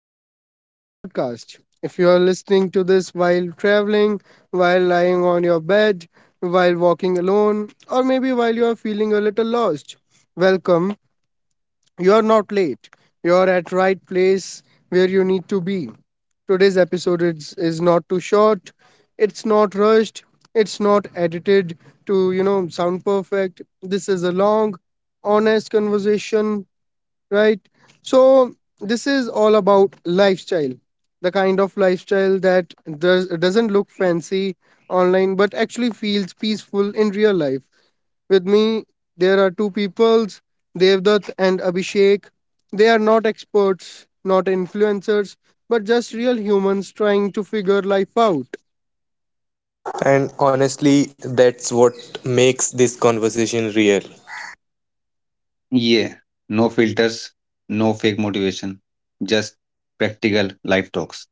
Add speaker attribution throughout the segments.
Speaker 1: Welcome back to the podcast. If you are listening to this while traveling, while lying on your bed, while walking alone, or maybe while you are feeling a little lost, welcome. You are not late. You are at right place where you need to be. Today's episode is not too short. It's not rushed. It's not edited to sound perfect. This is a long, honest conversation, right? So this is all about lifestyle, the kind of lifestyle that doesn't look fancy online but actually feels peaceful in real life. With me, there are two peoples, Devdutt and Abhishek. They are not experts, not influencers, but just real humans trying to figure life out.
Speaker 2: And honestly, that's what makes this conversation real.
Speaker 3: Yeah, no filters, no fake motivation, just practical life talks.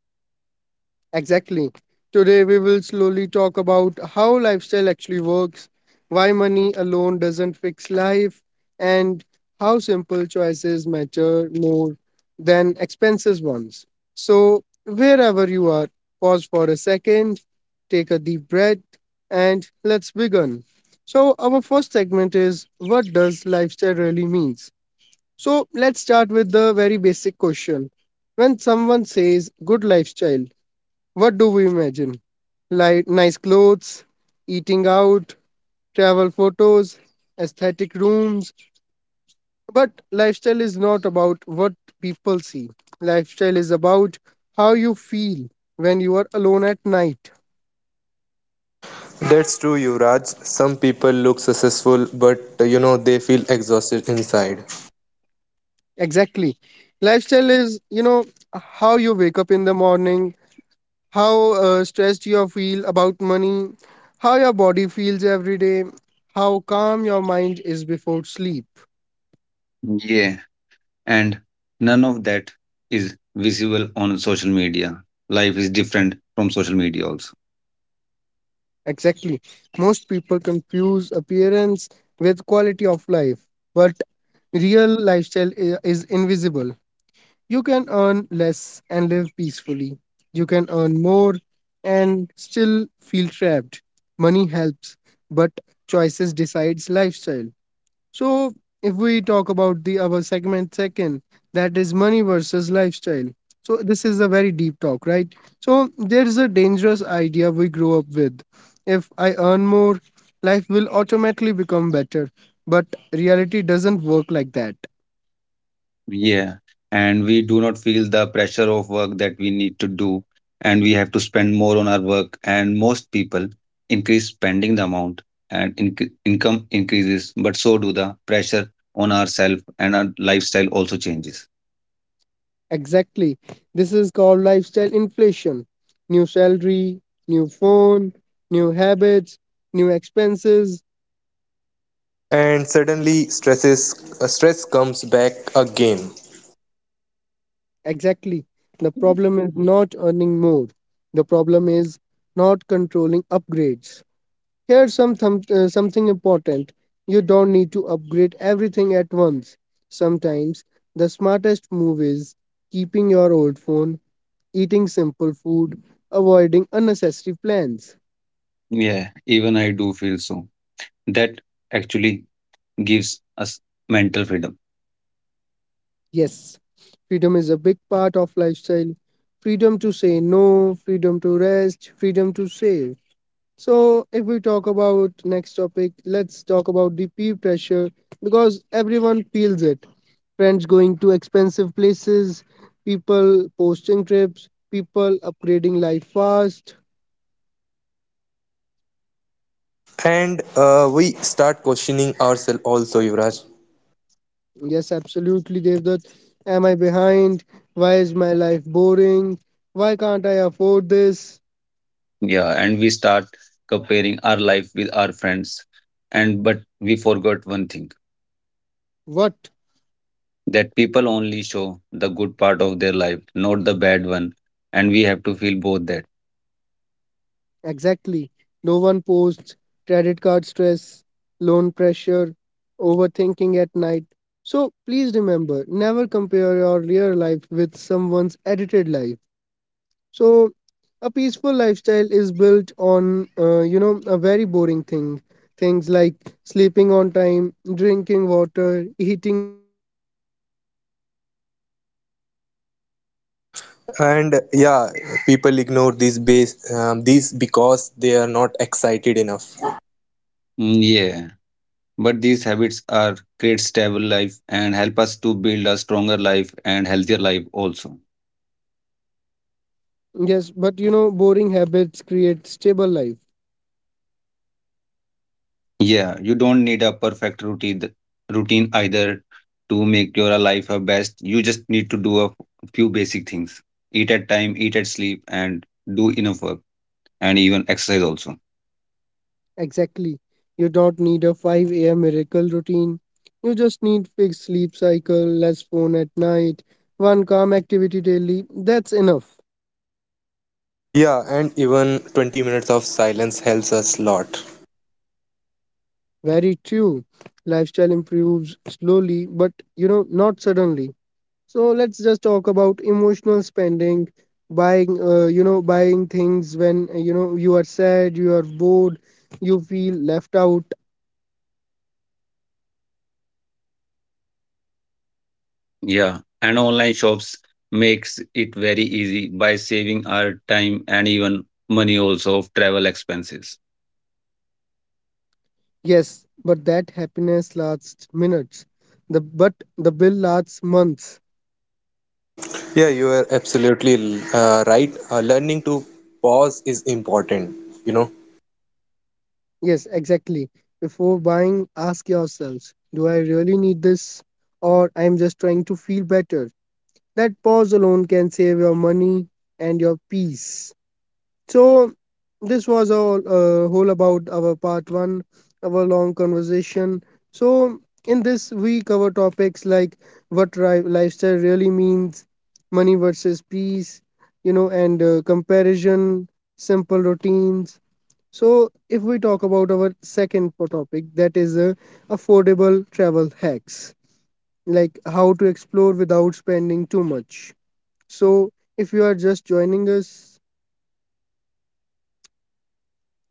Speaker 1: Exactly. Today, we will slowly talk about how lifestyle actually works, why money alone doesn't fix life, and how simple choices matter more than expensive ones. So, wherever you are, pause for a second, take a deep breath, and let's begin. So, our first segment is what does lifestyle really means? So, let's start with the very basic question. When someone says good lifestyle, what do we imagine? Like nice clothes, eating out, travel photos, aesthetic rooms. But lifestyle is not about what people see. Lifestyle is about how you feel when you are alone at night.
Speaker 2: That's true, Yuvraj. Some people look successful, but you know they feel exhausted inside,
Speaker 1: Exactly. Lifestyle is, you know, how you wake up in the morning, how stressed you feel about money, how your body feels every day, how calm your mind is before sleep.
Speaker 3: Yeah, and none of that is visible on social media. Life is different from social media, also.
Speaker 1: Exactly. Most people confuse appearance with quality of life, but real lifestyle is invisible. You can earn less and live peacefully. You can earn more and still feel trapped. Money helps, but choices decides lifestyle. So, if we talk about the our segment second, that is money versus lifestyle. So, this is a very deep talk, right? So, there is a dangerous idea we grow up with. If I earn more, life will automatically become better. But reality doesn't work like that.
Speaker 3: Yeah, and we do not feel the pressure of work that we need to do, and we have to spend more on our work. And most people increase spending the amount, and income increases, but so do the pressure on ourselves, and our lifestyle also changes.
Speaker 1: Exactly. This is called lifestyle inflation. New salary, new phone, new habits, new expenses.
Speaker 2: and suddenly stress comes back again,
Speaker 1: Exactly. The problem is not earning more. The problem is not controlling upgrades. Here's something important. You don't need to upgrade everything at once. Sometimes the smartest move is keeping your old phone, eating simple food, avoiding unnecessary plans.
Speaker 3: Yeah, even I do feel so. That actually gives us mental freedom.
Speaker 1: Yes, freedom is a big part of lifestyle. Freedom to say no, freedom to rest, freedom to save. So, if we talk about next topic, let's talk about the peer pressure because everyone feels it. Friends going to expensive places, people posting trips, people upgrading life fast.
Speaker 2: and we start questioning ourselves also, Yuvraj.
Speaker 1: Yes, absolutely, Devdutt. Am I behind? Why is my life boring? Why can't I afford this?
Speaker 3: Yeah, and we start comparing our life with our friends. And but we forgot one thing
Speaker 1: What?
Speaker 3: that people only show the good part of their life, not the bad one. And we have to feel both that.
Speaker 1: Exactly. No one posts credit card stress, loan pressure, overthinking at night. So please remember never compare your real life with someone's edited life. So a peaceful lifestyle is built on a very boring thing, things like sleeping on time, drinking water, eating basic food, and, you know, walking regularly.
Speaker 2: And uh, yeah, People ignore these base these because they are not excited enough.
Speaker 3: Mm, yeah, but these habits are create stable life and help us to build a stronger life and healthier life also.
Speaker 1: Yes, but you know, boring habits create stable life.
Speaker 3: Yeah, you don't need a perfect routine either to make your life a best. You just need to do a few basic things. Eat at time, eat at sleep, and do enough work and even exercise also.
Speaker 1: Exactly. You don't need a 5 a.m. miracle routine. You just need fixed sleep cycle, less phone at night, one calm activity daily. That's enough.
Speaker 2: Yeah, and even 20 minutes of silence helps us lot.
Speaker 1: Very true. Lifestyle improves slowly, but you know, not suddenly. So let's just talk about emotional spending, buying, buying things when you are sad, you are bored, you feel left out.
Speaker 3: Yeah. And online shops makes it very easy by saving our time and even money also of travel expenses.
Speaker 1: Yes, but that happiness lasts minutes. The but the bill lasts months.
Speaker 2: Yeah, you are absolutely right. Learning to pause is important, you know.
Speaker 1: Yes, exactly. Before buying, ask yourselves, do I really need this? Or I'm just trying to feel better? That pause alone can save your money and your peace. So, this was all whole about our part one, our long conversation. So, in this, we cover topics like what lifestyle really means, money versus peace, you know, and comparison, simple routines. So, if we talk about our second topic, that is affordable travel hacks, like how to explore without spending too much. So, if you are just joining us,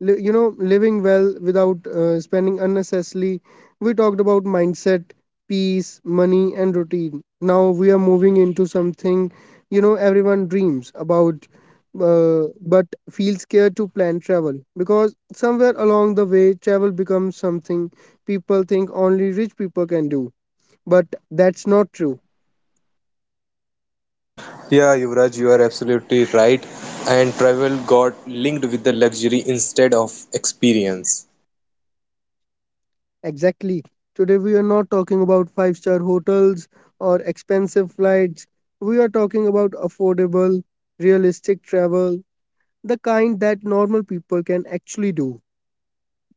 Speaker 1: living well without spending unnecessarily, we talked about mindset, peace, money and routine. Now we are moving into something, you know, everyone dreams about, uh, but feels scared to plan travel, because somewhere along the way travel becomes something people think only rich people can do, but that's not true.
Speaker 2: Yeah, Yuvraj, you are absolutely right. And travel got linked with the luxury instead of experience.
Speaker 1: Exactly. Today we are not talking about five-star hotels or expensive flights. We are talking about affordable, realistic travel, the kind that normal people can actually do.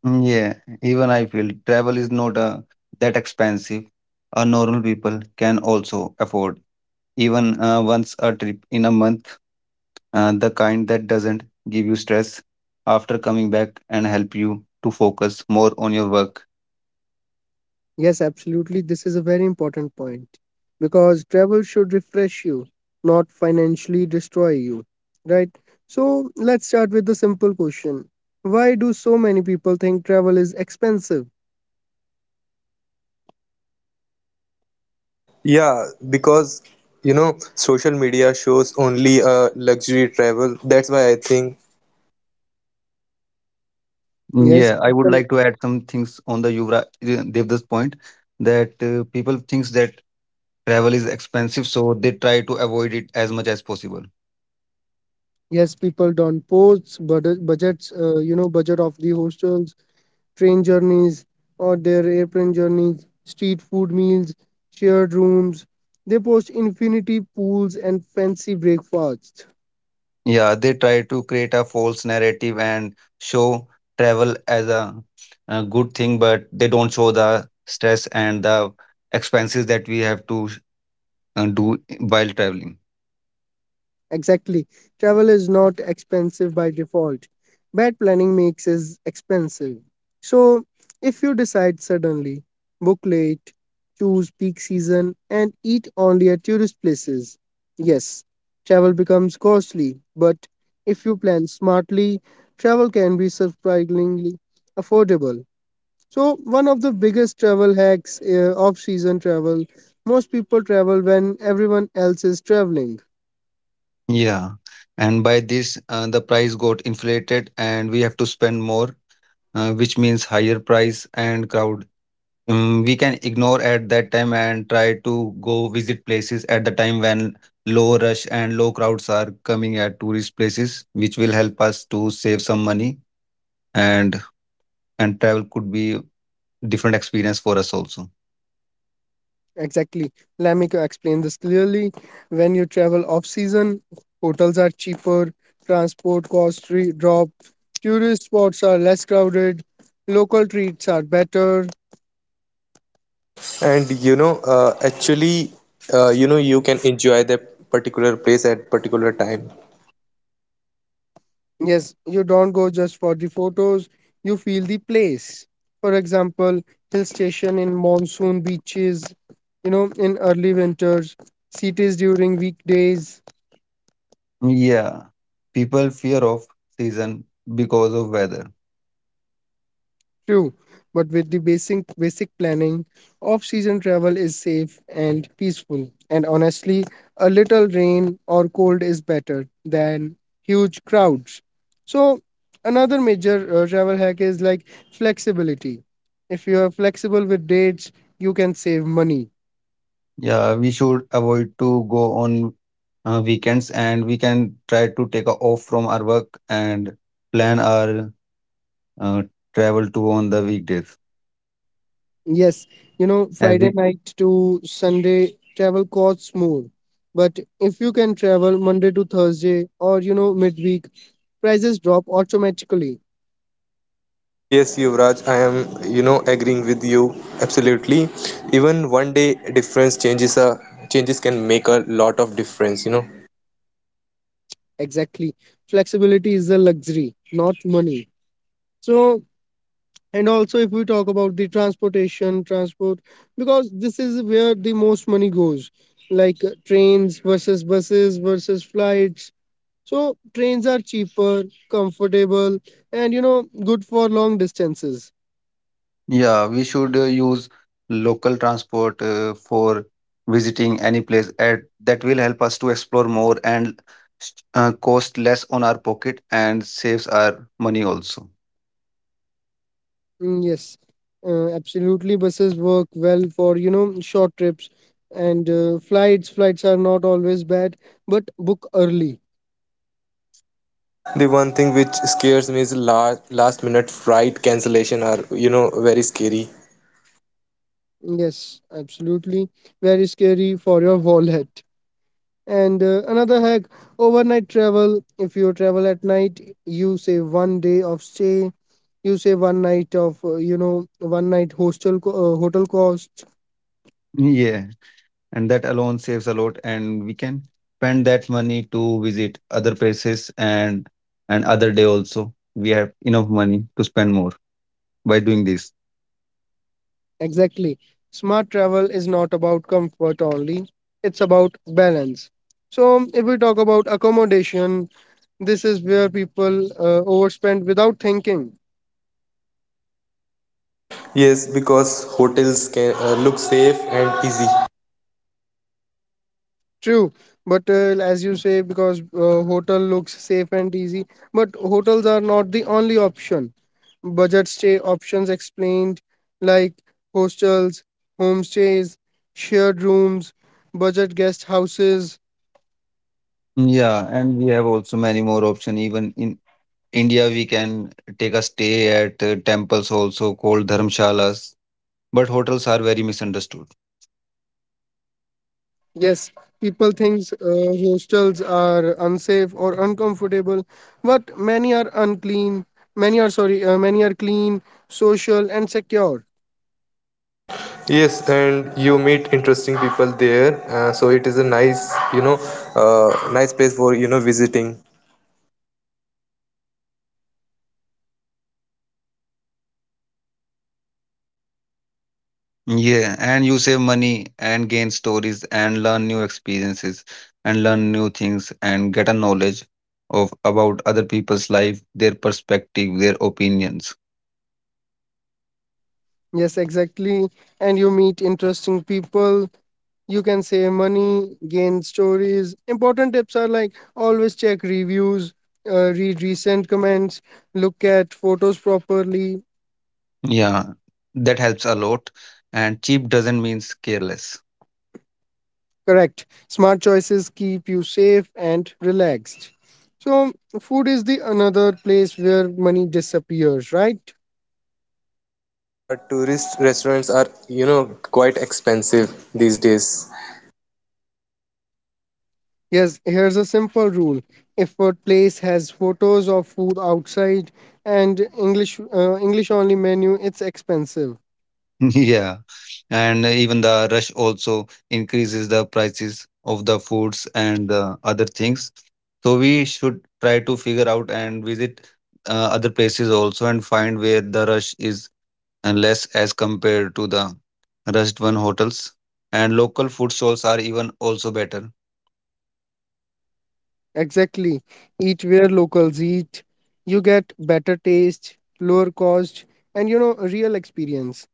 Speaker 3: Mm, yeah, even I feel travel is not that expensive. A normal people can also afford even once a trip in a month, the kind that doesn't give you stress after coming back and help you to focus more on your work.
Speaker 1: Yes, absolutely. This is a very important point because travel should refresh you, not financially destroy you. Right? So let's start with the simple question. Why do so many people think travel is expensive?
Speaker 2: Yeah, because you know, social media shows only luxury travel. That's why I think.
Speaker 1: Yes,
Speaker 3: Yeah, I would
Speaker 1: people.
Speaker 3: like to add some things on the Yuvraj Devdas point that people thinks that travel is expensive, so they try to avoid it as much as possible.
Speaker 1: Yes, people don't post budget, budgets, you know, budget of the hostels, train journeys, or their airplane journeys, street food meals, shared rooms. They post infinity pools and fancy breakfasts.
Speaker 3: Yeah, they try to create a false narrative and show travel as a good thing, but they don't show the stress and the expenses that we have to do while traveling.
Speaker 1: Exactly. Travel is not expensive by default. Bad planning makes it expensive. So, if you decide suddenly, book late, choose peak season, and eat only at tourist places, yes, travel becomes costly. But if you plan smartly, travel can be surprisingly affordable. So, one of the biggest travel hacks, off season travel, most people travel when everyone else is traveling.
Speaker 3: Yeah. And by this, the price got inflated and we have to spend more, which means higher price and crowd. We can ignore at that time and try to go visit places at the time when low rush and low crowds are coming at tourist places, which will help us to save some money and travel could be different experience for us also.
Speaker 1: Exactly. Let me explain this clearly. When you travel off season, hotels are cheaper, transport costs drop, tourist spots are less crowded, local treats are better.
Speaker 2: And you know, actually, you know, you can enjoy that particular place at particular time.
Speaker 1: Yes, you don't go just for the photos, you feel the place. For example, hill station in monsoon beaches, you know, in early winters, cities during weekdays.
Speaker 3: Yeah. People fear of season because of weather.
Speaker 1: True, but with the basic planning, off-season travel is safe and peaceful. And honestly, a little rain or cold is better than huge crowds. So, another major travel hack is like flexibility. If you are flexible with dates, you can save money.
Speaker 3: Yeah, we should avoid to go on weekends and we can try to take a off from our work and plan our uh, travel to on the weekdays.
Speaker 1: Yes, you
Speaker 3: As
Speaker 1: know,
Speaker 3: we
Speaker 1: Friday night to Sunday travel costs more. But if you can travel Monday to Thursday or you know midweek, prices drop automatically.
Speaker 2: Yes, Yuvraj, I am, you know, agreeing with you absolutely. Even one day difference changes a changes can make a lot of difference, you know.
Speaker 1: Exactly. Flexibility is a luxury, not money. So, and also if we talk about the transport, because this is where the most money goes, like trains versus buses versus flights. So, trains are cheaper, comfortable, and you know, good for long distances.
Speaker 3: yeah, we should use local transport for visiting any place at that will help us to explore more and cost less on our pocket and saves our money also.
Speaker 1: Mm, yes, absolutely. Buses work well for you know short trips, and Flights are not always bad, but book early.
Speaker 2: The one thing which scares me is last minute flight cancellation are, you know, very scary.
Speaker 1: Yes, absolutely. Very scary for your wallet. And another hack, overnight travel. If you travel at night, you save 1 day of stay, you save one night of, you know, one night hostel hotel cost.
Speaker 3: Yeah, and that alone saves a lot and we can spend that money to visit other places and other day also we have enough money to spend more by doing this.
Speaker 1: Exactly. Smart travel is not about comfort only, it's about balance. So, if we talk about accommodation, this is where people overspend without thinking.
Speaker 2: Yes, because hotels can look safe and easy.
Speaker 1: True, but as you say, because hotel looks safe and easy, but hotels are not the only option. Budget stay options explained, like hostels, homestays, shared rooms, budget guest houses.
Speaker 3: Yeah, and we have also many more option even in India. We can take a stay at temples also called dharmshalas, but hotels are very misunderstood.
Speaker 1: Yes, people think hostels are unsafe or uncomfortable, but many are unclean. Many are clean, social, and secure.
Speaker 2: Yes, and you meet interesting people there, so it is a nice, you know, nice place for, you know, visiting.
Speaker 3: Yeah, and you save money and gain stories and learn new experiences and learn new things and get a knowledge of about other people's life, their perspective, their opinions.
Speaker 1: Yes, exactly. And you meet interesting people. You can save money, gain stories. Important tips are like always check reviews, read recent comments, look at photos properly.
Speaker 3: Yeah, that helps a lot. And cheap doesn't mean careless.
Speaker 1: Correct. Smart choices keep you safe and relaxed. So, food is the another place where money disappears, right?
Speaker 2: Yeah, tourist restaurants are, you know, quite expensive these days.
Speaker 1: Yes, here's a simple rule. If a place has photos of food outside and English only menu, it's expensive.
Speaker 3: Yeah, and even the rush also increases the prices of the foods and the other things. So we should try to figure out and visit other places also and find where the rush is unless as compared to the rushed one hotels, and local food stalls are even also better.
Speaker 1: Exactly. Eat where locals eat. You get better taste, lower cost, and you know, a real experience.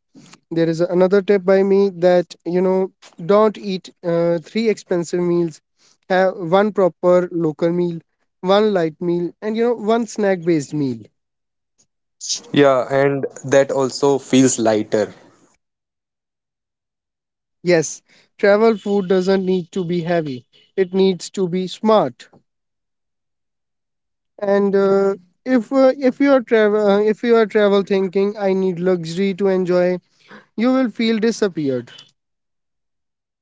Speaker 1: There is another tip by me that, you know, don't eat three expensive meals. Have one proper local meal, one light meal, and you know, one snack based meal.
Speaker 2: Yeah, and that also feels lighter.
Speaker 1: Yes, travel food doesn't need to be heavy. It needs to be smart. And if you are travel thinking I need luxury to enjoy, you will feel disappeared.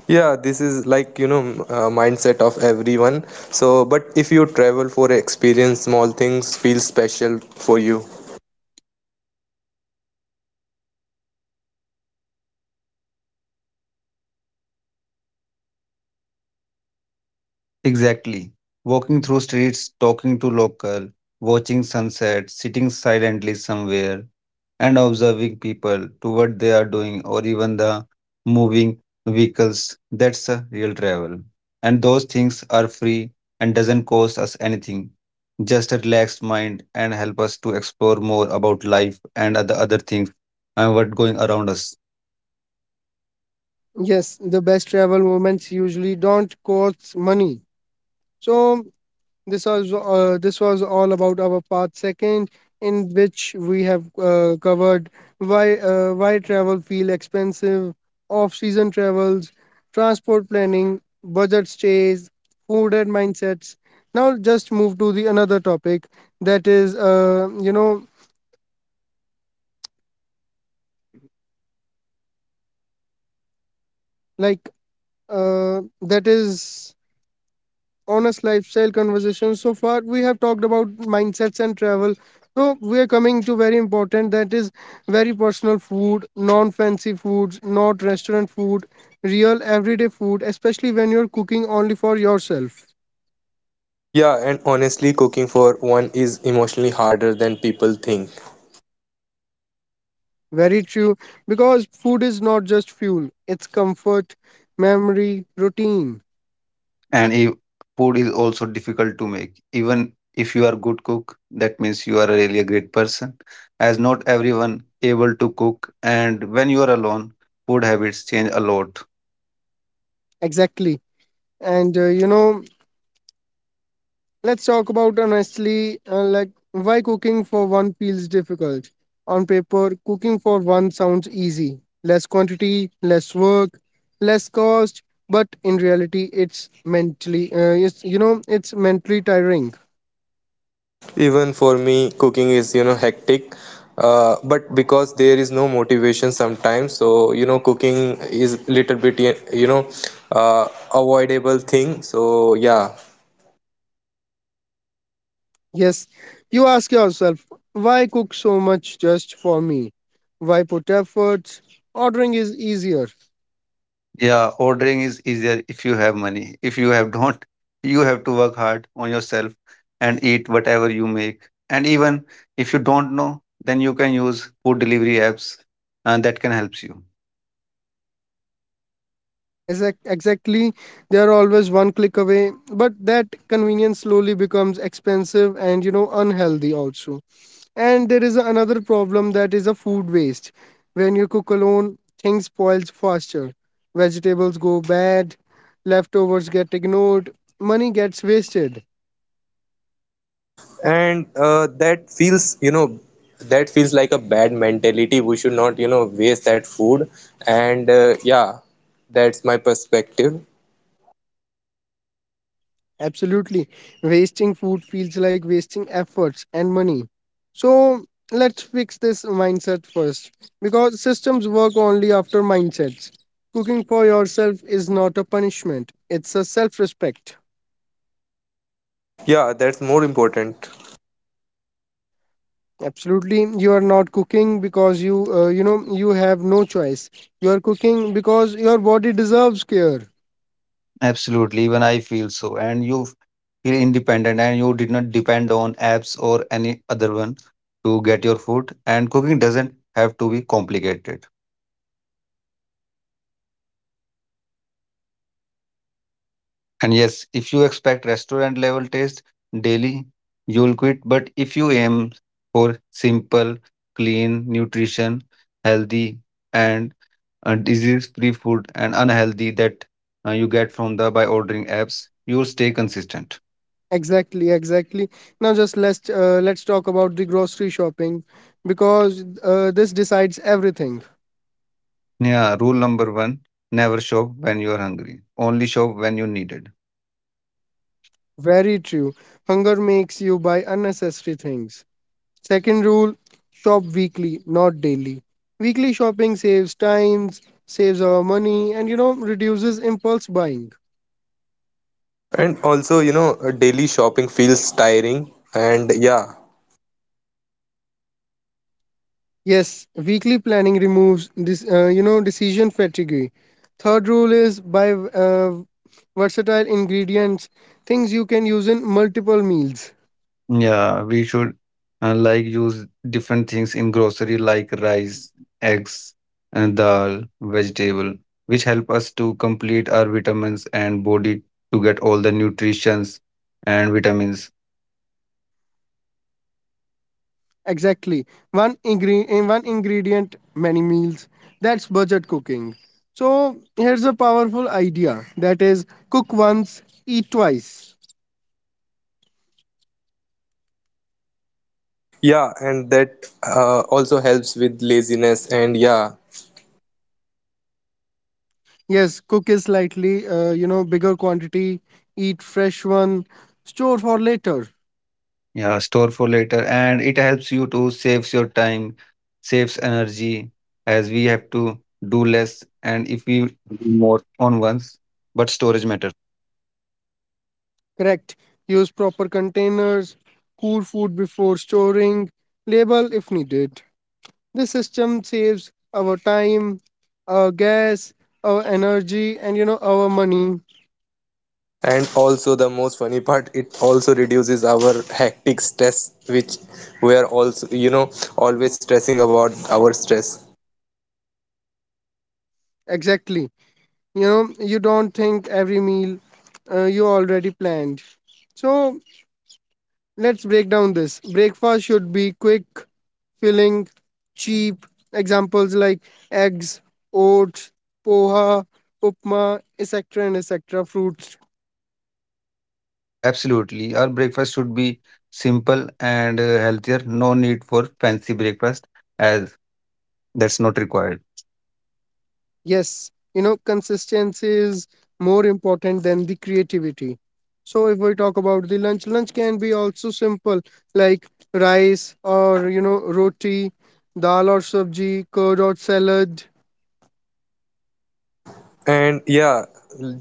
Speaker 2: Yeah, this is like, you know, mindset of everyone. So, but if you travel for experience, small things feel special for you.
Speaker 3: Exactly. Walking through streets, talking to local, watching sunset, sitting silently somewhere, and observing people to what they are doing or even the moving vehicles. That's a real travel. And those things are free and doesn't cost us anything. Just a relaxed mind and help us to explore more about life and other things and what going around us.
Speaker 1: Yes, the best travel moments usually don't cost money. So this was all about our part second, in which we have covered why travel feel expensive, off-season travels, transport planning, budget stays, food and mindsets. Now just move to the another topic, that is like that is honest lifestyle conversation. So far we have talked about mindsets and travel, so we are coming to very important, that is very personal, food, non fancy foods, not restaurant food, real everyday food, especially when you're cooking only for yourself.
Speaker 2: Yeah, and honestly, cooking for one is emotionally harder than people think.
Speaker 1: Very true, because food is not just fuel, it's comfort, memory, routine.
Speaker 3: And if food is also difficult to make even if you are good cook, that means you are really a great person, as not everyone able to cook, and when you are alone, food habits change a lot.
Speaker 1: Exactly. And let's talk about honestly, like why cooking for one feels difficult. On paper, cooking for one sounds easy. Less quantity, less work, less cost, but in reality, it's mentally, it's mentally tiring.
Speaker 2: Even for me cooking is you know hectic, but because there is no motivation sometimes, so you know cooking is little bit you know uh, avoidable thing, so yeah.
Speaker 1: Yes, you ask yourself, why cook so much just for me? Why put efforts? Ordering is easier.
Speaker 3: Yeah, ordering is easier if you have money, if you have don't, you have to work hard on yourself and eat whatever you make. And even if you don't know, then you can use food delivery apps, and that can help you.
Speaker 1: Exactly, they are always one click away, but that convenience slowly becomes expensive and, you know, unhealthy also. And there is another problem, that is a food waste. When you cook alone, things spoils faster, vegetables go bad, leftovers get ignored, money gets wasted.
Speaker 2: And that feels you know that feels like a bad mentality, we should not you know waste that food, and yeah, that's my perspective.
Speaker 1: Absolutely. Wasting food feels like wasting efforts and money. So let's fix this mindset first, because systems work only after mindsets. Cooking for yourself is not a punishment, it's a self respect.
Speaker 2: Yeah, that's more important.
Speaker 1: Absolutely, you are not cooking because you have no choice. You are cooking because your body deserves care.
Speaker 3: Absolutely, even I feel so. And you feel independent and you did not depend on apps or any other one to get your food. And cooking doesn't have to be complicated. And yes, if you expect restaurant level taste daily, you'll quit. But if you aim for simple, clean, nutrition, healthy, and disease-free food and unhealthy that you get from the by ordering apps, you'll stay consistent.
Speaker 1: Exactly, exactly. Now, just let's talk about the grocery shopping, because this decides everything.
Speaker 3: Yeah, rule number one, never shop when you're hungry. Only shop when you need it.
Speaker 1: Very true. Hunger makes you buy unnecessary things. Second rule, shop weekly, not daily. Weekly shopping saves times, saves our money, and, you know, reduces impulse buying.
Speaker 2: And also you know daily shopping feels tiring, and yeah.
Speaker 1: Yes, weekly planning removes this, decision fatigue. Third rule is buy versatile ingredients, things you can use in multiple meals.
Speaker 3: Yeah, we should like use different things in grocery like rice, eggs, and dal, vegetable, which help us to complete our vitamins and body to get all the nutritions and vitamins.
Speaker 1: Exactly. In one ingredient, many meals. That's budget cooking. So here's a powerful idea, that is cook once, eat twice.
Speaker 2: Yeah, and that also helps with laziness and yeah.
Speaker 1: Yes, cook is slightly bigger quantity, eat fresh one, store for later.
Speaker 3: Yeah, store for later, and it helps you to saves your time, saves energy, as we have to do less, and if we do more on once, but storage matters.
Speaker 1: Correct. Use proper containers, cool food before storing, label if needed. This system saves our time, our gas, our energy, and, you know, our money.
Speaker 2: And also the most funny part, it also reduces our hectic stress, which we are also, you know, always stressing about our stress.
Speaker 1: Exactly. You know, you don't think every meal, you already planned. So let's break down this. Breakfast should be quick, filling, cheap. Examples like eggs, oats, poha, upma, etc. and etc. fruits.
Speaker 3: Yeah, absolutely. Our breakfast should be simple and healthier. No need for fancy breakfast as that's not required.
Speaker 1: Yes, you know, consistency is more important than the creativity. So if we talk about the lunch, lunch can be also simple, like rice or, you know, roti, dal or sabji, curd or salad.
Speaker 2: And yeah,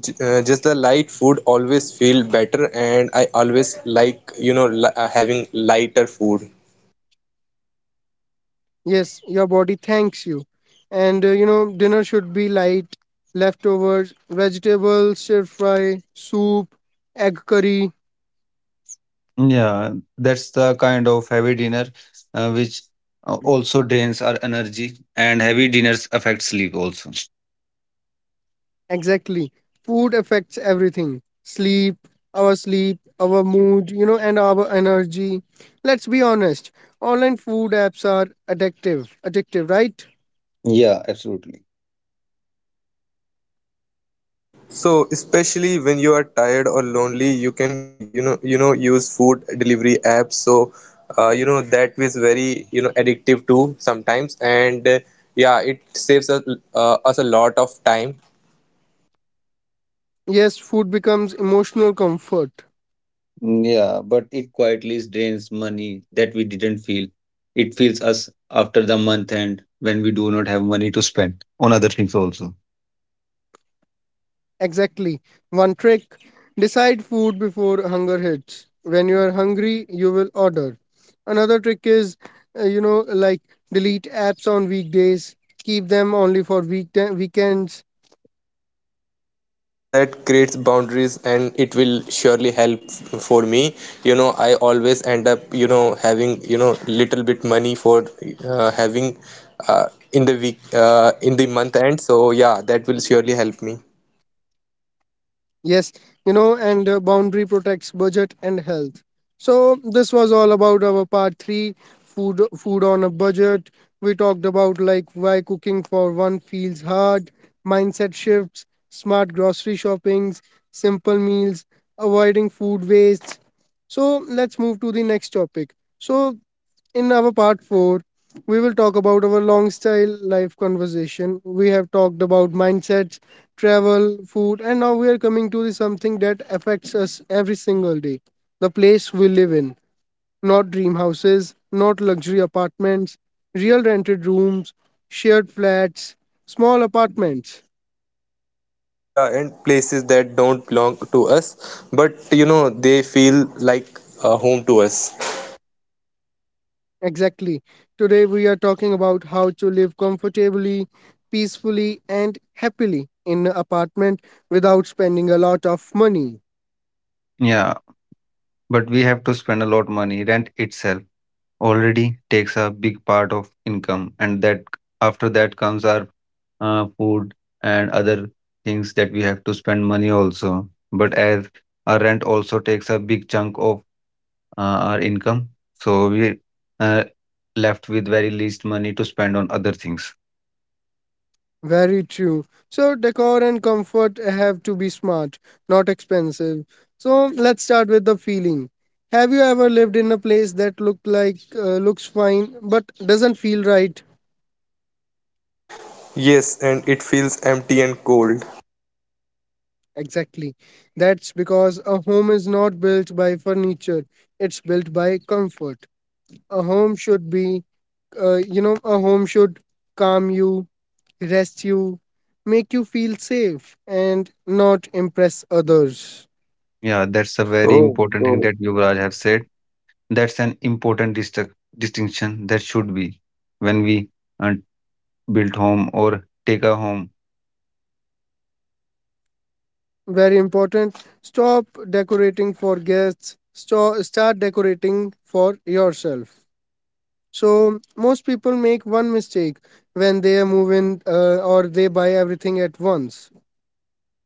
Speaker 2: just the light food always feel better, and I always like, you know, having lighter food.
Speaker 1: Yes, your body thanks you. And, you know, dinner should be light, leftovers, vegetables, stir fry, soup, egg curry.
Speaker 3: Yeah, that's the kind of heavy dinner which also drains our energy, and heavy dinners affect sleep also.
Speaker 1: Exactly. Food affects everything. Sleep, our mood, you know, and our energy. Let's be honest. Online food apps are addictive. Addictive, right?
Speaker 3: Yeah, absolutely.
Speaker 2: So especially when you are tired or lonely, you can you know use food delivery apps. So you know that is very you know addictive too sometimes, and yeah, it saves us, us a lot of time.
Speaker 1: Yes, food becomes emotional comfort.
Speaker 3: Mm, yeah, but it quietly drains money that we didn't feel. It feels us after the month end when we do not have money to spend on other things also.
Speaker 1: Exactly. One trick, decide food before hunger hits. When you are hungry, you will order. Another trick is, uh, you know, like delete apps on weekdays, keep them only for weekends.
Speaker 2: Yeah, that creates boundaries, and it will surely help for me. You know, I always end up you know having you know little bit money for having in the week in the month end. So yeah, that will surely help me.
Speaker 1: Yes, you know, and boundary protects budget and health. So this was all about our part three, food on a budget. We talked about like why cooking for one feels hard, mindset shifts, smart grocery shoppings, simple meals, avoiding food waste. So let's move to the next topic. So in our part 4, we will talk about our long style life conversation. We have talked about mindsets, travel, food, and now we are coming to the something that affects us every single day, the place we live in. Not dream houses, not luxury apartments, real rented rooms, shared flats, small apartments.
Speaker 2: Yeah, and places that don't belong to us, but you know they feel like home to us.
Speaker 1: Exactly. Today we are talking about how to live comfortably, peacefully, and happily in an apartment without spending a lot of money.
Speaker 3: Yeah, but we have to spend a lot money. Rent itself already takes a big part of income, and that after that comes our food and other things that we have to spend money also. But as our rent also takes a big chunk of our income, so we uh, left with very least money to spend on other things.
Speaker 1: Very true. So, decor and comfort have to be smart, not expensive. So, let's start with the feeling. Have you ever lived in a place that looked like looks fine but doesn't feel right?
Speaker 2: Yes, and it feels empty and cold.
Speaker 1: Exactly. That's because a home is not built by furniture, it's built by comfort. A home should be a home should calm you, rest you, make you feel safe, and not impress others.
Speaker 3: Yeah, that's a very
Speaker 2: Oh,
Speaker 3: important thing
Speaker 2: so
Speaker 3: that Yuvraj have said. That's an important distinction that should be when we uh, built home or take a home.
Speaker 1: Very important. Stop decorating for guests. Start decorating for yourself. So most people make one mistake when they move in, or they buy everything at once.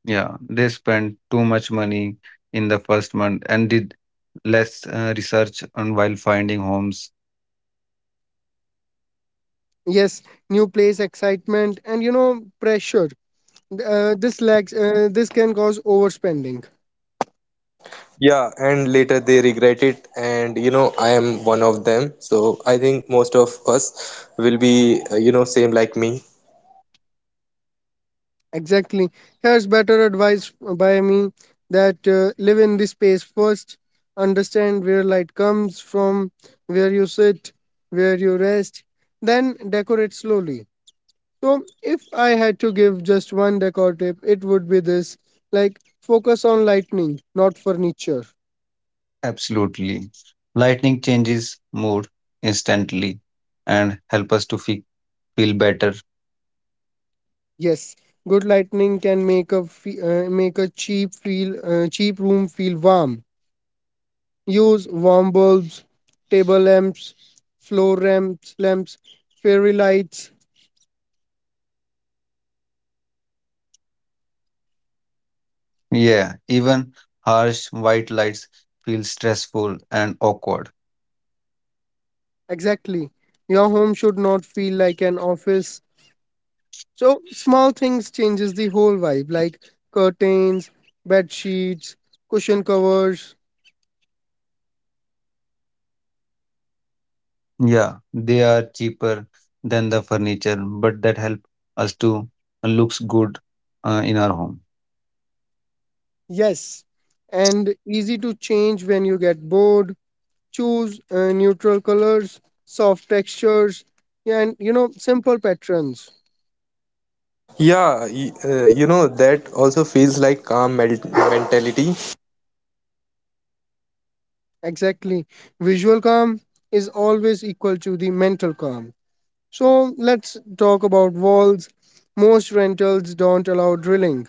Speaker 3: Yeah, they spent too much money in the first month and did less research on while finding homes.
Speaker 1: Yes, new place, excitement, and, you know, pressure. This lags. This can cause overspending.
Speaker 2: yeah, and later they regret it, and you know I am one of them, so I think most of us will be you know same like me.
Speaker 1: Exactly. Here's better advice by me, that live in the space first, understand where light comes from, where you sit, where you rest, then decorate slowly. So, if I had to give just one decor tip, it would be this, like focus on lightning, not furniture.
Speaker 3: Absolutely. Lightning changes mood instantly and help us to feel better.
Speaker 1: Yes, good lightning can make a cheap room feel warm. Use warm bulbs, table lamps, floor lamps, lamps, fairy lights.
Speaker 3: Yeah, even harsh white lights feel stressful and awkward.
Speaker 1: Exactly. Your home should not feel like an office. So small things changes the whole vibe, like curtains, bed sheets, cushion covers.
Speaker 3: Yeah, they are cheaper than the furniture, but that help us to looks good in our home.
Speaker 1: Yes, and easy to change when you get bored. Choose neutral colors, soft textures, and, you know, simple patterns.
Speaker 2: Yeah, you know that also feels like calm mentality.
Speaker 1: Exactly. Visual calm is always equal to the mental calm. So let's talk about walls. Most rentals don't allow drilling,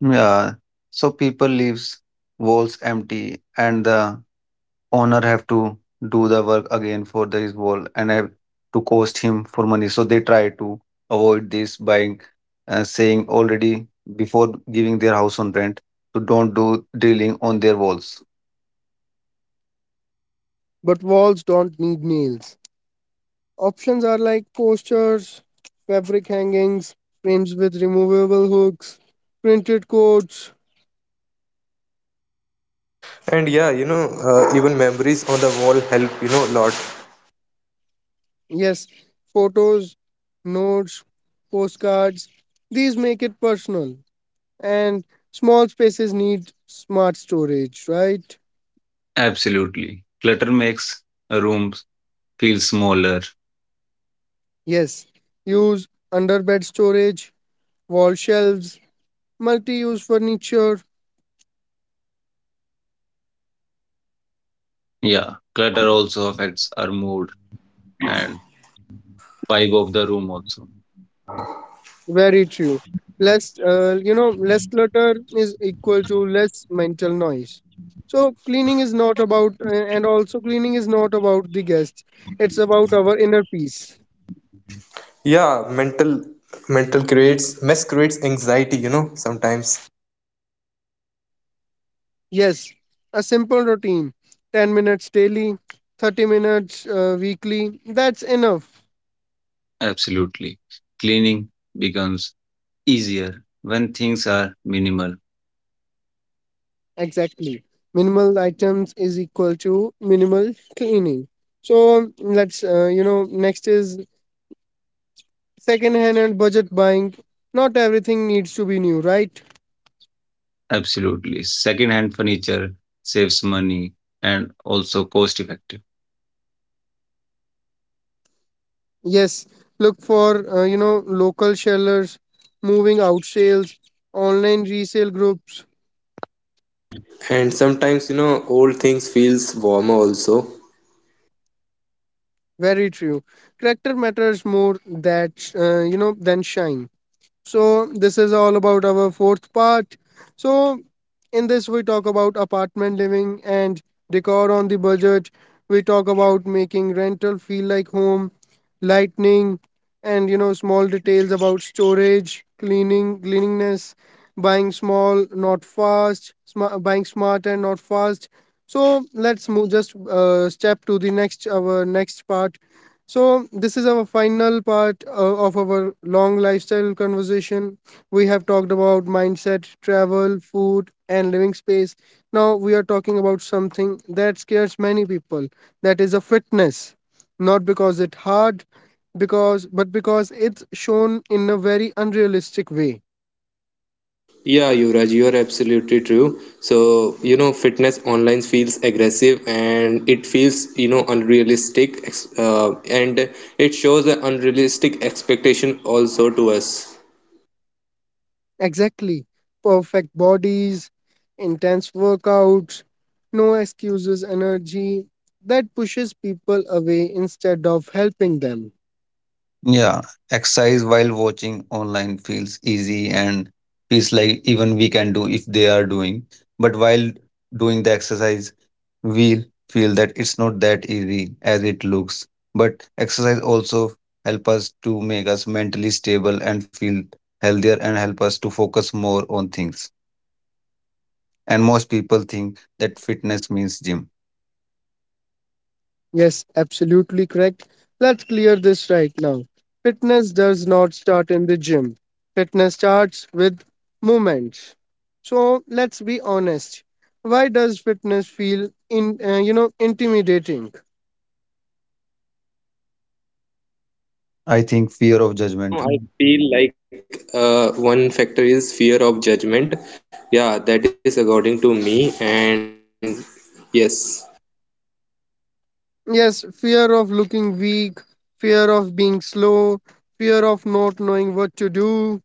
Speaker 3: Yeah, so people leaves walls empty, and the owner have to do the work again for the, his wall, and have to cost him for money. So they try to avoid this by saying already before giving their house on rent, so don't do drilling on their walls.
Speaker 1: but walls don't need nails. Options are like posters, fabric hangings, frames with removable hooks, printed codes,
Speaker 2: And yeah you know, even memories on the wall help you know a lot.
Speaker 1: yes, photos, notes, postcards. These make it personal, and small spaces need smart storage, right?
Speaker 3: Absolutely. Clutter makes a room feel smaller.
Speaker 1: Yes, use underbed storage, wall shelves, multi-use furniture.
Speaker 3: Yeah. Clutter also affects our mood and vibe of the room also.
Speaker 1: Very true. Less, less clutter is equal to less mental noise. So cleaning is not about, and also cleaning is not about the guests. It's about our inner peace.
Speaker 2: Yeah, mental creates mess, creates anxiety you know sometimes.
Speaker 1: Yes, a simple routine, 10 minutes daily, 30 minutes weekly. That's enough.
Speaker 3: Absolutely. Cleaning becomes easier when things are minimal.
Speaker 1: Exactly. Minimal items is equal to minimal cleaning. So next is second hand and budget buying. Not everything needs to be new, right?
Speaker 3: Absolutely. Second hand furniture saves money and also cost effective.
Speaker 1: Yes. Look for, local sellers, moving out sales, online resale groups.
Speaker 2: And sometimes you know old things feels warmer also.
Speaker 1: Very true. Character matters more that, than shine. So, this is all about our fourth part. So, in this, we talk about apartment living and decor on the budget. We talk about making rental feel like home, lightning, and, you know, small details about storage, cleaning, cleanliness, buying small, not fast, smart, buying smart and not fast. So, let's move just step to the next, our next part. So, this is our final part, of our long lifestyle conversation. We have talked about mindset, travel, food, and living space. Now, we are talking about something that scares many people, that is a fitness. Not because it's hard, because but because it's shown in a very unrealistic way.
Speaker 2: Yeah, Yuvraj, you are absolutely true, so you know fitness online feels aggressive and it feels you know unrealistic and it shows an unrealistic expectation also to us.
Speaker 1: Exactly. Perfect bodies, intense workouts, no excuses energy that pushes people away instead of helping them.
Speaker 3: Yeah, exercise while watching online feels easy and feels like even we can do if they are doing. But while doing the exercise, we feel that it's not that easy as it looks. But exercise also help us to make us mentally stable and feel healthier and help us to focus more on things. And most people think that fitness means gym.
Speaker 1: Yes, absolutely correct. Let's clear this right now. Fitness does not start in the gym, fitness starts with movement. So let's be honest. Why does fitness feel in you know intimidating?
Speaker 3: I think
Speaker 2: You know,
Speaker 3: fear of
Speaker 2: you know
Speaker 3: judgment,
Speaker 2: I feel like, uh, one factor is fear of judgment. Yeah, that is according to me, and yes.
Speaker 1: Yes, fear of looking weak, fear of being slow, fear of not knowing what to do.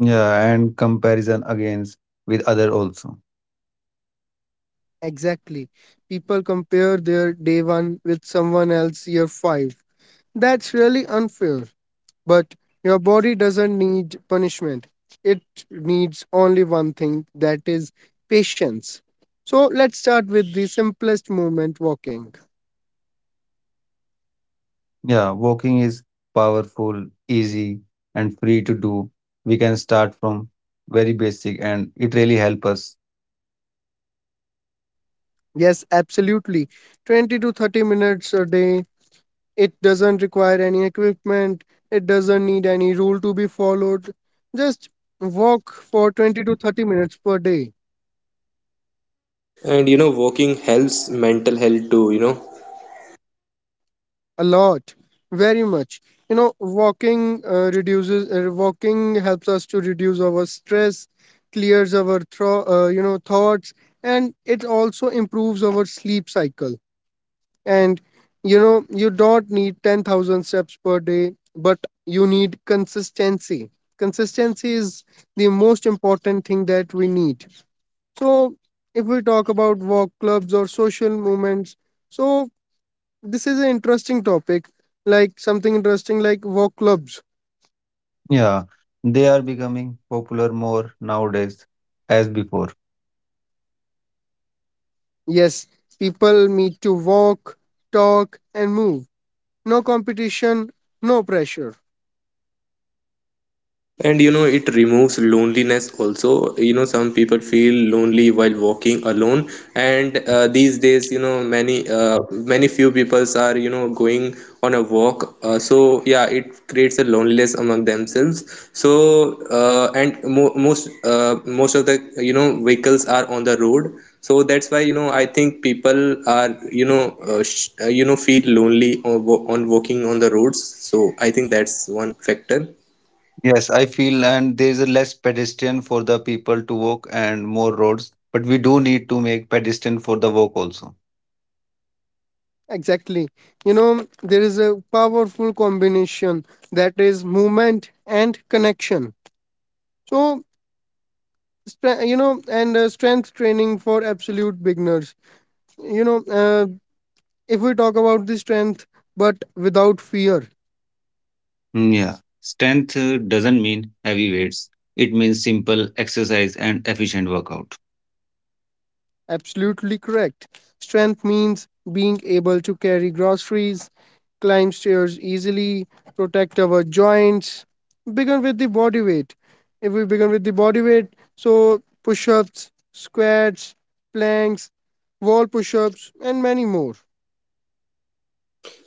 Speaker 3: yeah, and comparison against with other also.
Speaker 1: Exactly. People compare their day one with someone else year five. That's really unfair. But your body doesn't need punishment, it needs only one thing, that is patience. So let's start with the simplest movement walking.
Speaker 3: Yeah, walking is powerful, easy, and free to do. We can start from very basic, and it really help us.
Speaker 1: Yes, absolutely. 20 to 30 minutes a day. It doesn't require any equipment, it doesn't need any rule to be followed. Just walk for 20 to 30 minutes per day.
Speaker 2: And you know walking helps mental health too, you know.
Speaker 1: A lot, very much. You know, walking helps us to reduce our stress, clears our thoughts, and it also improves our sleep cycle. And you know, you don't need 10,000 steps per day, but you need consistency. Consistency is the most important thing that we need. So, if we talk about walk clubs or social movements, so this is an interesting topic, like something interesting like walk clubs.
Speaker 3: Yeah, they are becoming popular more nowadays as before.
Speaker 1: Yes, people need to walk, talk, and move. No competition, no pressure.
Speaker 2: And you know it removes loneliness also, you know some people feel lonely while walking alone. And these days you know many few peoples are you know going on a walk. So yeah, it creates a loneliness among themselves. So and mo- most most of the you know vehicles are on the road, so that's why you know I think people are you know you know feel lonely on, on walking on the roads, so I think that's one factor.
Speaker 3: Yes, I feel, and there is a less pedestrian for the people to walk and more roads. But we do need to make pedestrian for the walk also.
Speaker 1: Exactly. You know, there is a powerful combination, that is movement and connection. So, stre- you know, and strength training for absolute beginners. You know, if we talk about the strength, but without fear.
Speaker 3: Mm, yeah, strength doesn't mean heavy weights. It means simple exercise and efficient workout.
Speaker 1: Absolutely correct. Strength means being able to carry groceries, climb stairs easily, protect our joints. Begin with the body weight. If we begin with the body weight, so push ups, squats, planks, wall push ups, and many more.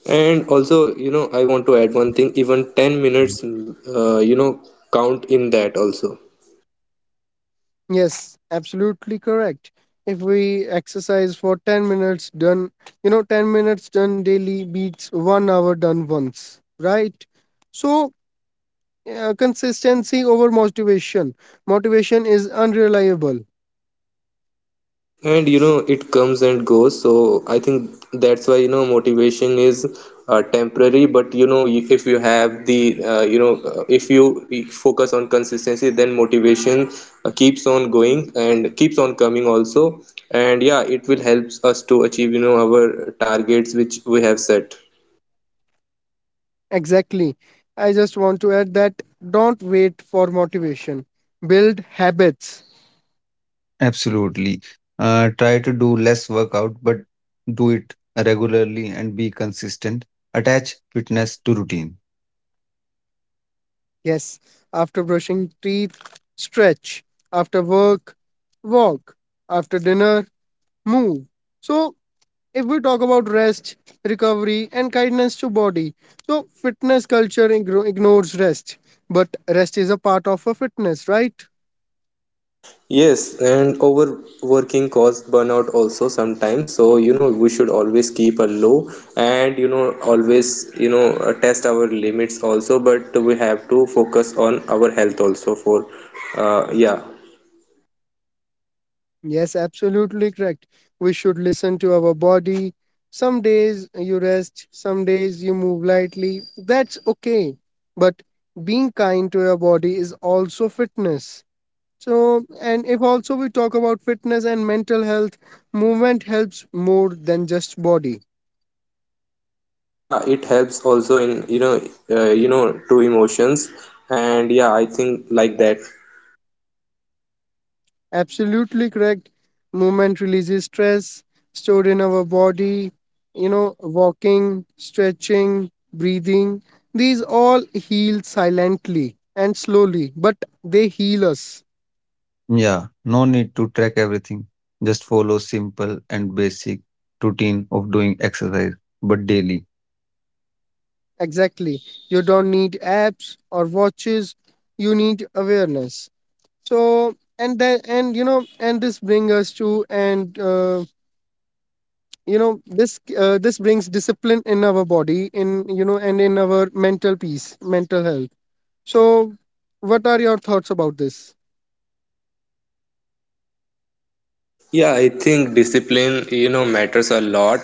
Speaker 2: And also, you know, I want to add one thing, even 10 minutes, you know, count in that also.
Speaker 1: Yes, absolutely correct. If we exercise for 10 minutes done, you know, 10 minutes done daily beats 1 hour done once, right? So, consistency over motivation. Motivation is unreliable.
Speaker 2: And you know, it comes and goes, so I think that's why, you know, motivation is temporary, but you know, if you have the, you know, if you focus on consistency, then motivation keeps on going and keeps on coming also. And yeah, it will help us to achieve, you know, our targets which we have set.
Speaker 1: Exactly. I just want to add that, don't wait for motivation, build habits.
Speaker 3: Absolutely. Try to do less workout, but do it regularly and be consistent. Attach fitness to routine.
Speaker 1: Yes, after brushing teeth, stretch. After work, walk. After dinner, move. So if we talk about rest, recovery and kindness to body, so fitness culture ignores rest, but rest is a part of a fitness, right?
Speaker 2: Yes, and overworking cause burnout also sometimes. So, you know, we should always keep a low and, you know, always, you know, test our limits also. But we have to focus on our health also for, yeah.
Speaker 1: Yes, absolutely correct. We should listen to our body. Some days you rest, some days you move lightly. That's okay. But being kind to your body is also fitness. So, and if also we talk about fitness and mental health, movement helps more than just body.
Speaker 2: Yeah, it helps also in, you know, to emotions. And yeah, I think like that.
Speaker 1: Absolutely correct. Movement releases stress stored in our body. You know, walking, stretching, breathing, these all heal silently and slowly, but they heal us.
Speaker 3: Yeah, no need to track everything. Just follow simple and basic routine of doing exercise, but daily.
Speaker 1: Exactly. You don't need apps or watches, you need awareness. So, and that, and you know, and this brings us to, and you know, this this brings discipline in our body, and in our mental peace, mental health. So, what are your thoughts about this?
Speaker 2: Yeah, I think discipline, you know, matters a lot.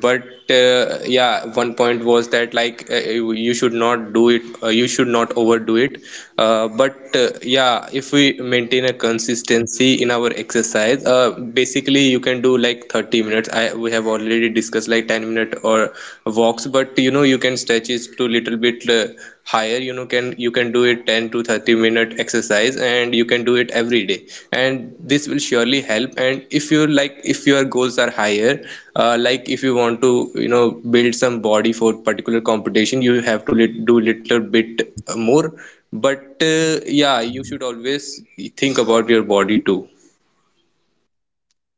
Speaker 2: But yeah, one point was that like you should not do it, you should not overdo it. But yeah, if we maintain a consistency in our exercise, basically you can do like 30 minutes. I we have already discussed like 10 minute or walks, but you know you can stretch it to little bit higher you know can you can do it 10 to 30 minute exercise, and you can do it every day, and this will surely help. And if you like if your goals are higher, like if you want to you know build some body for particular competition, you have to do little bit more. But yeah, you should always think about your body too.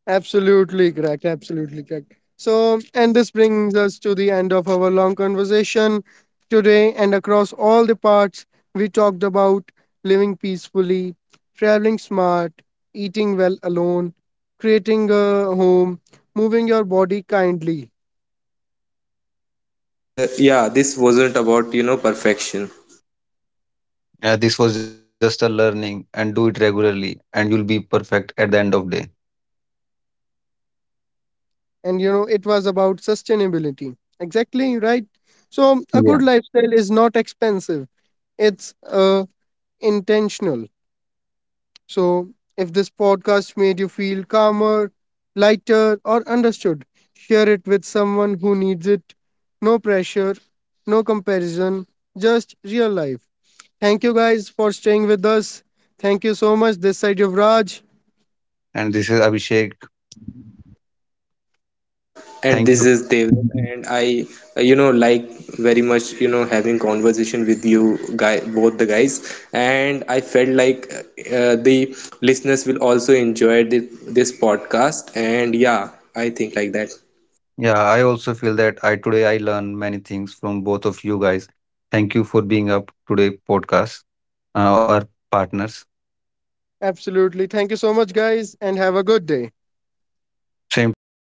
Speaker 1: Absolutely correct. Absolutely correct. So, and this brings us to the end of our long conversation today. And across all the parts, we talked about living peacefully, traveling smart, eating well alone, creating a home, moving your body kindly.
Speaker 2: And yeah, this wasn't about you know perfection.
Speaker 3: Yeah, this was just a learning and do it regularly, and you'll be perfect at the end of day.
Speaker 1: And you know, it was about sustainability. Exactly, right? So, a
Speaker 3: Yeah.
Speaker 1: good lifestyle is not expensive, it's intentional. So, if this podcast made you feel calmer, lighter, or understood, share it with someone who needs it. No pressure, no comparison, just real life. Thank you guys for staying with us. Thank you so much. This side of Raj.
Speaker 3: And this is Abhishek.
Speaker 2: And
Speaker 3: Thank
Speaker 2: this
Speaker 3: you.
Speaker 2: is Dev. And I, you know, like very much you know having conversation with you guy both the guys, and I felt like the listeners will also enjoy this, this podcast, and yeah, I think like that.
Speaker 3: Yeah, I also feel that I today I learned many things from both of you guys. Thank you for being up today podcast, our partners.
Speaker 1: Absolutely. Thank you so much, guys, and have a good day.
Speaker 3: Same to you guys.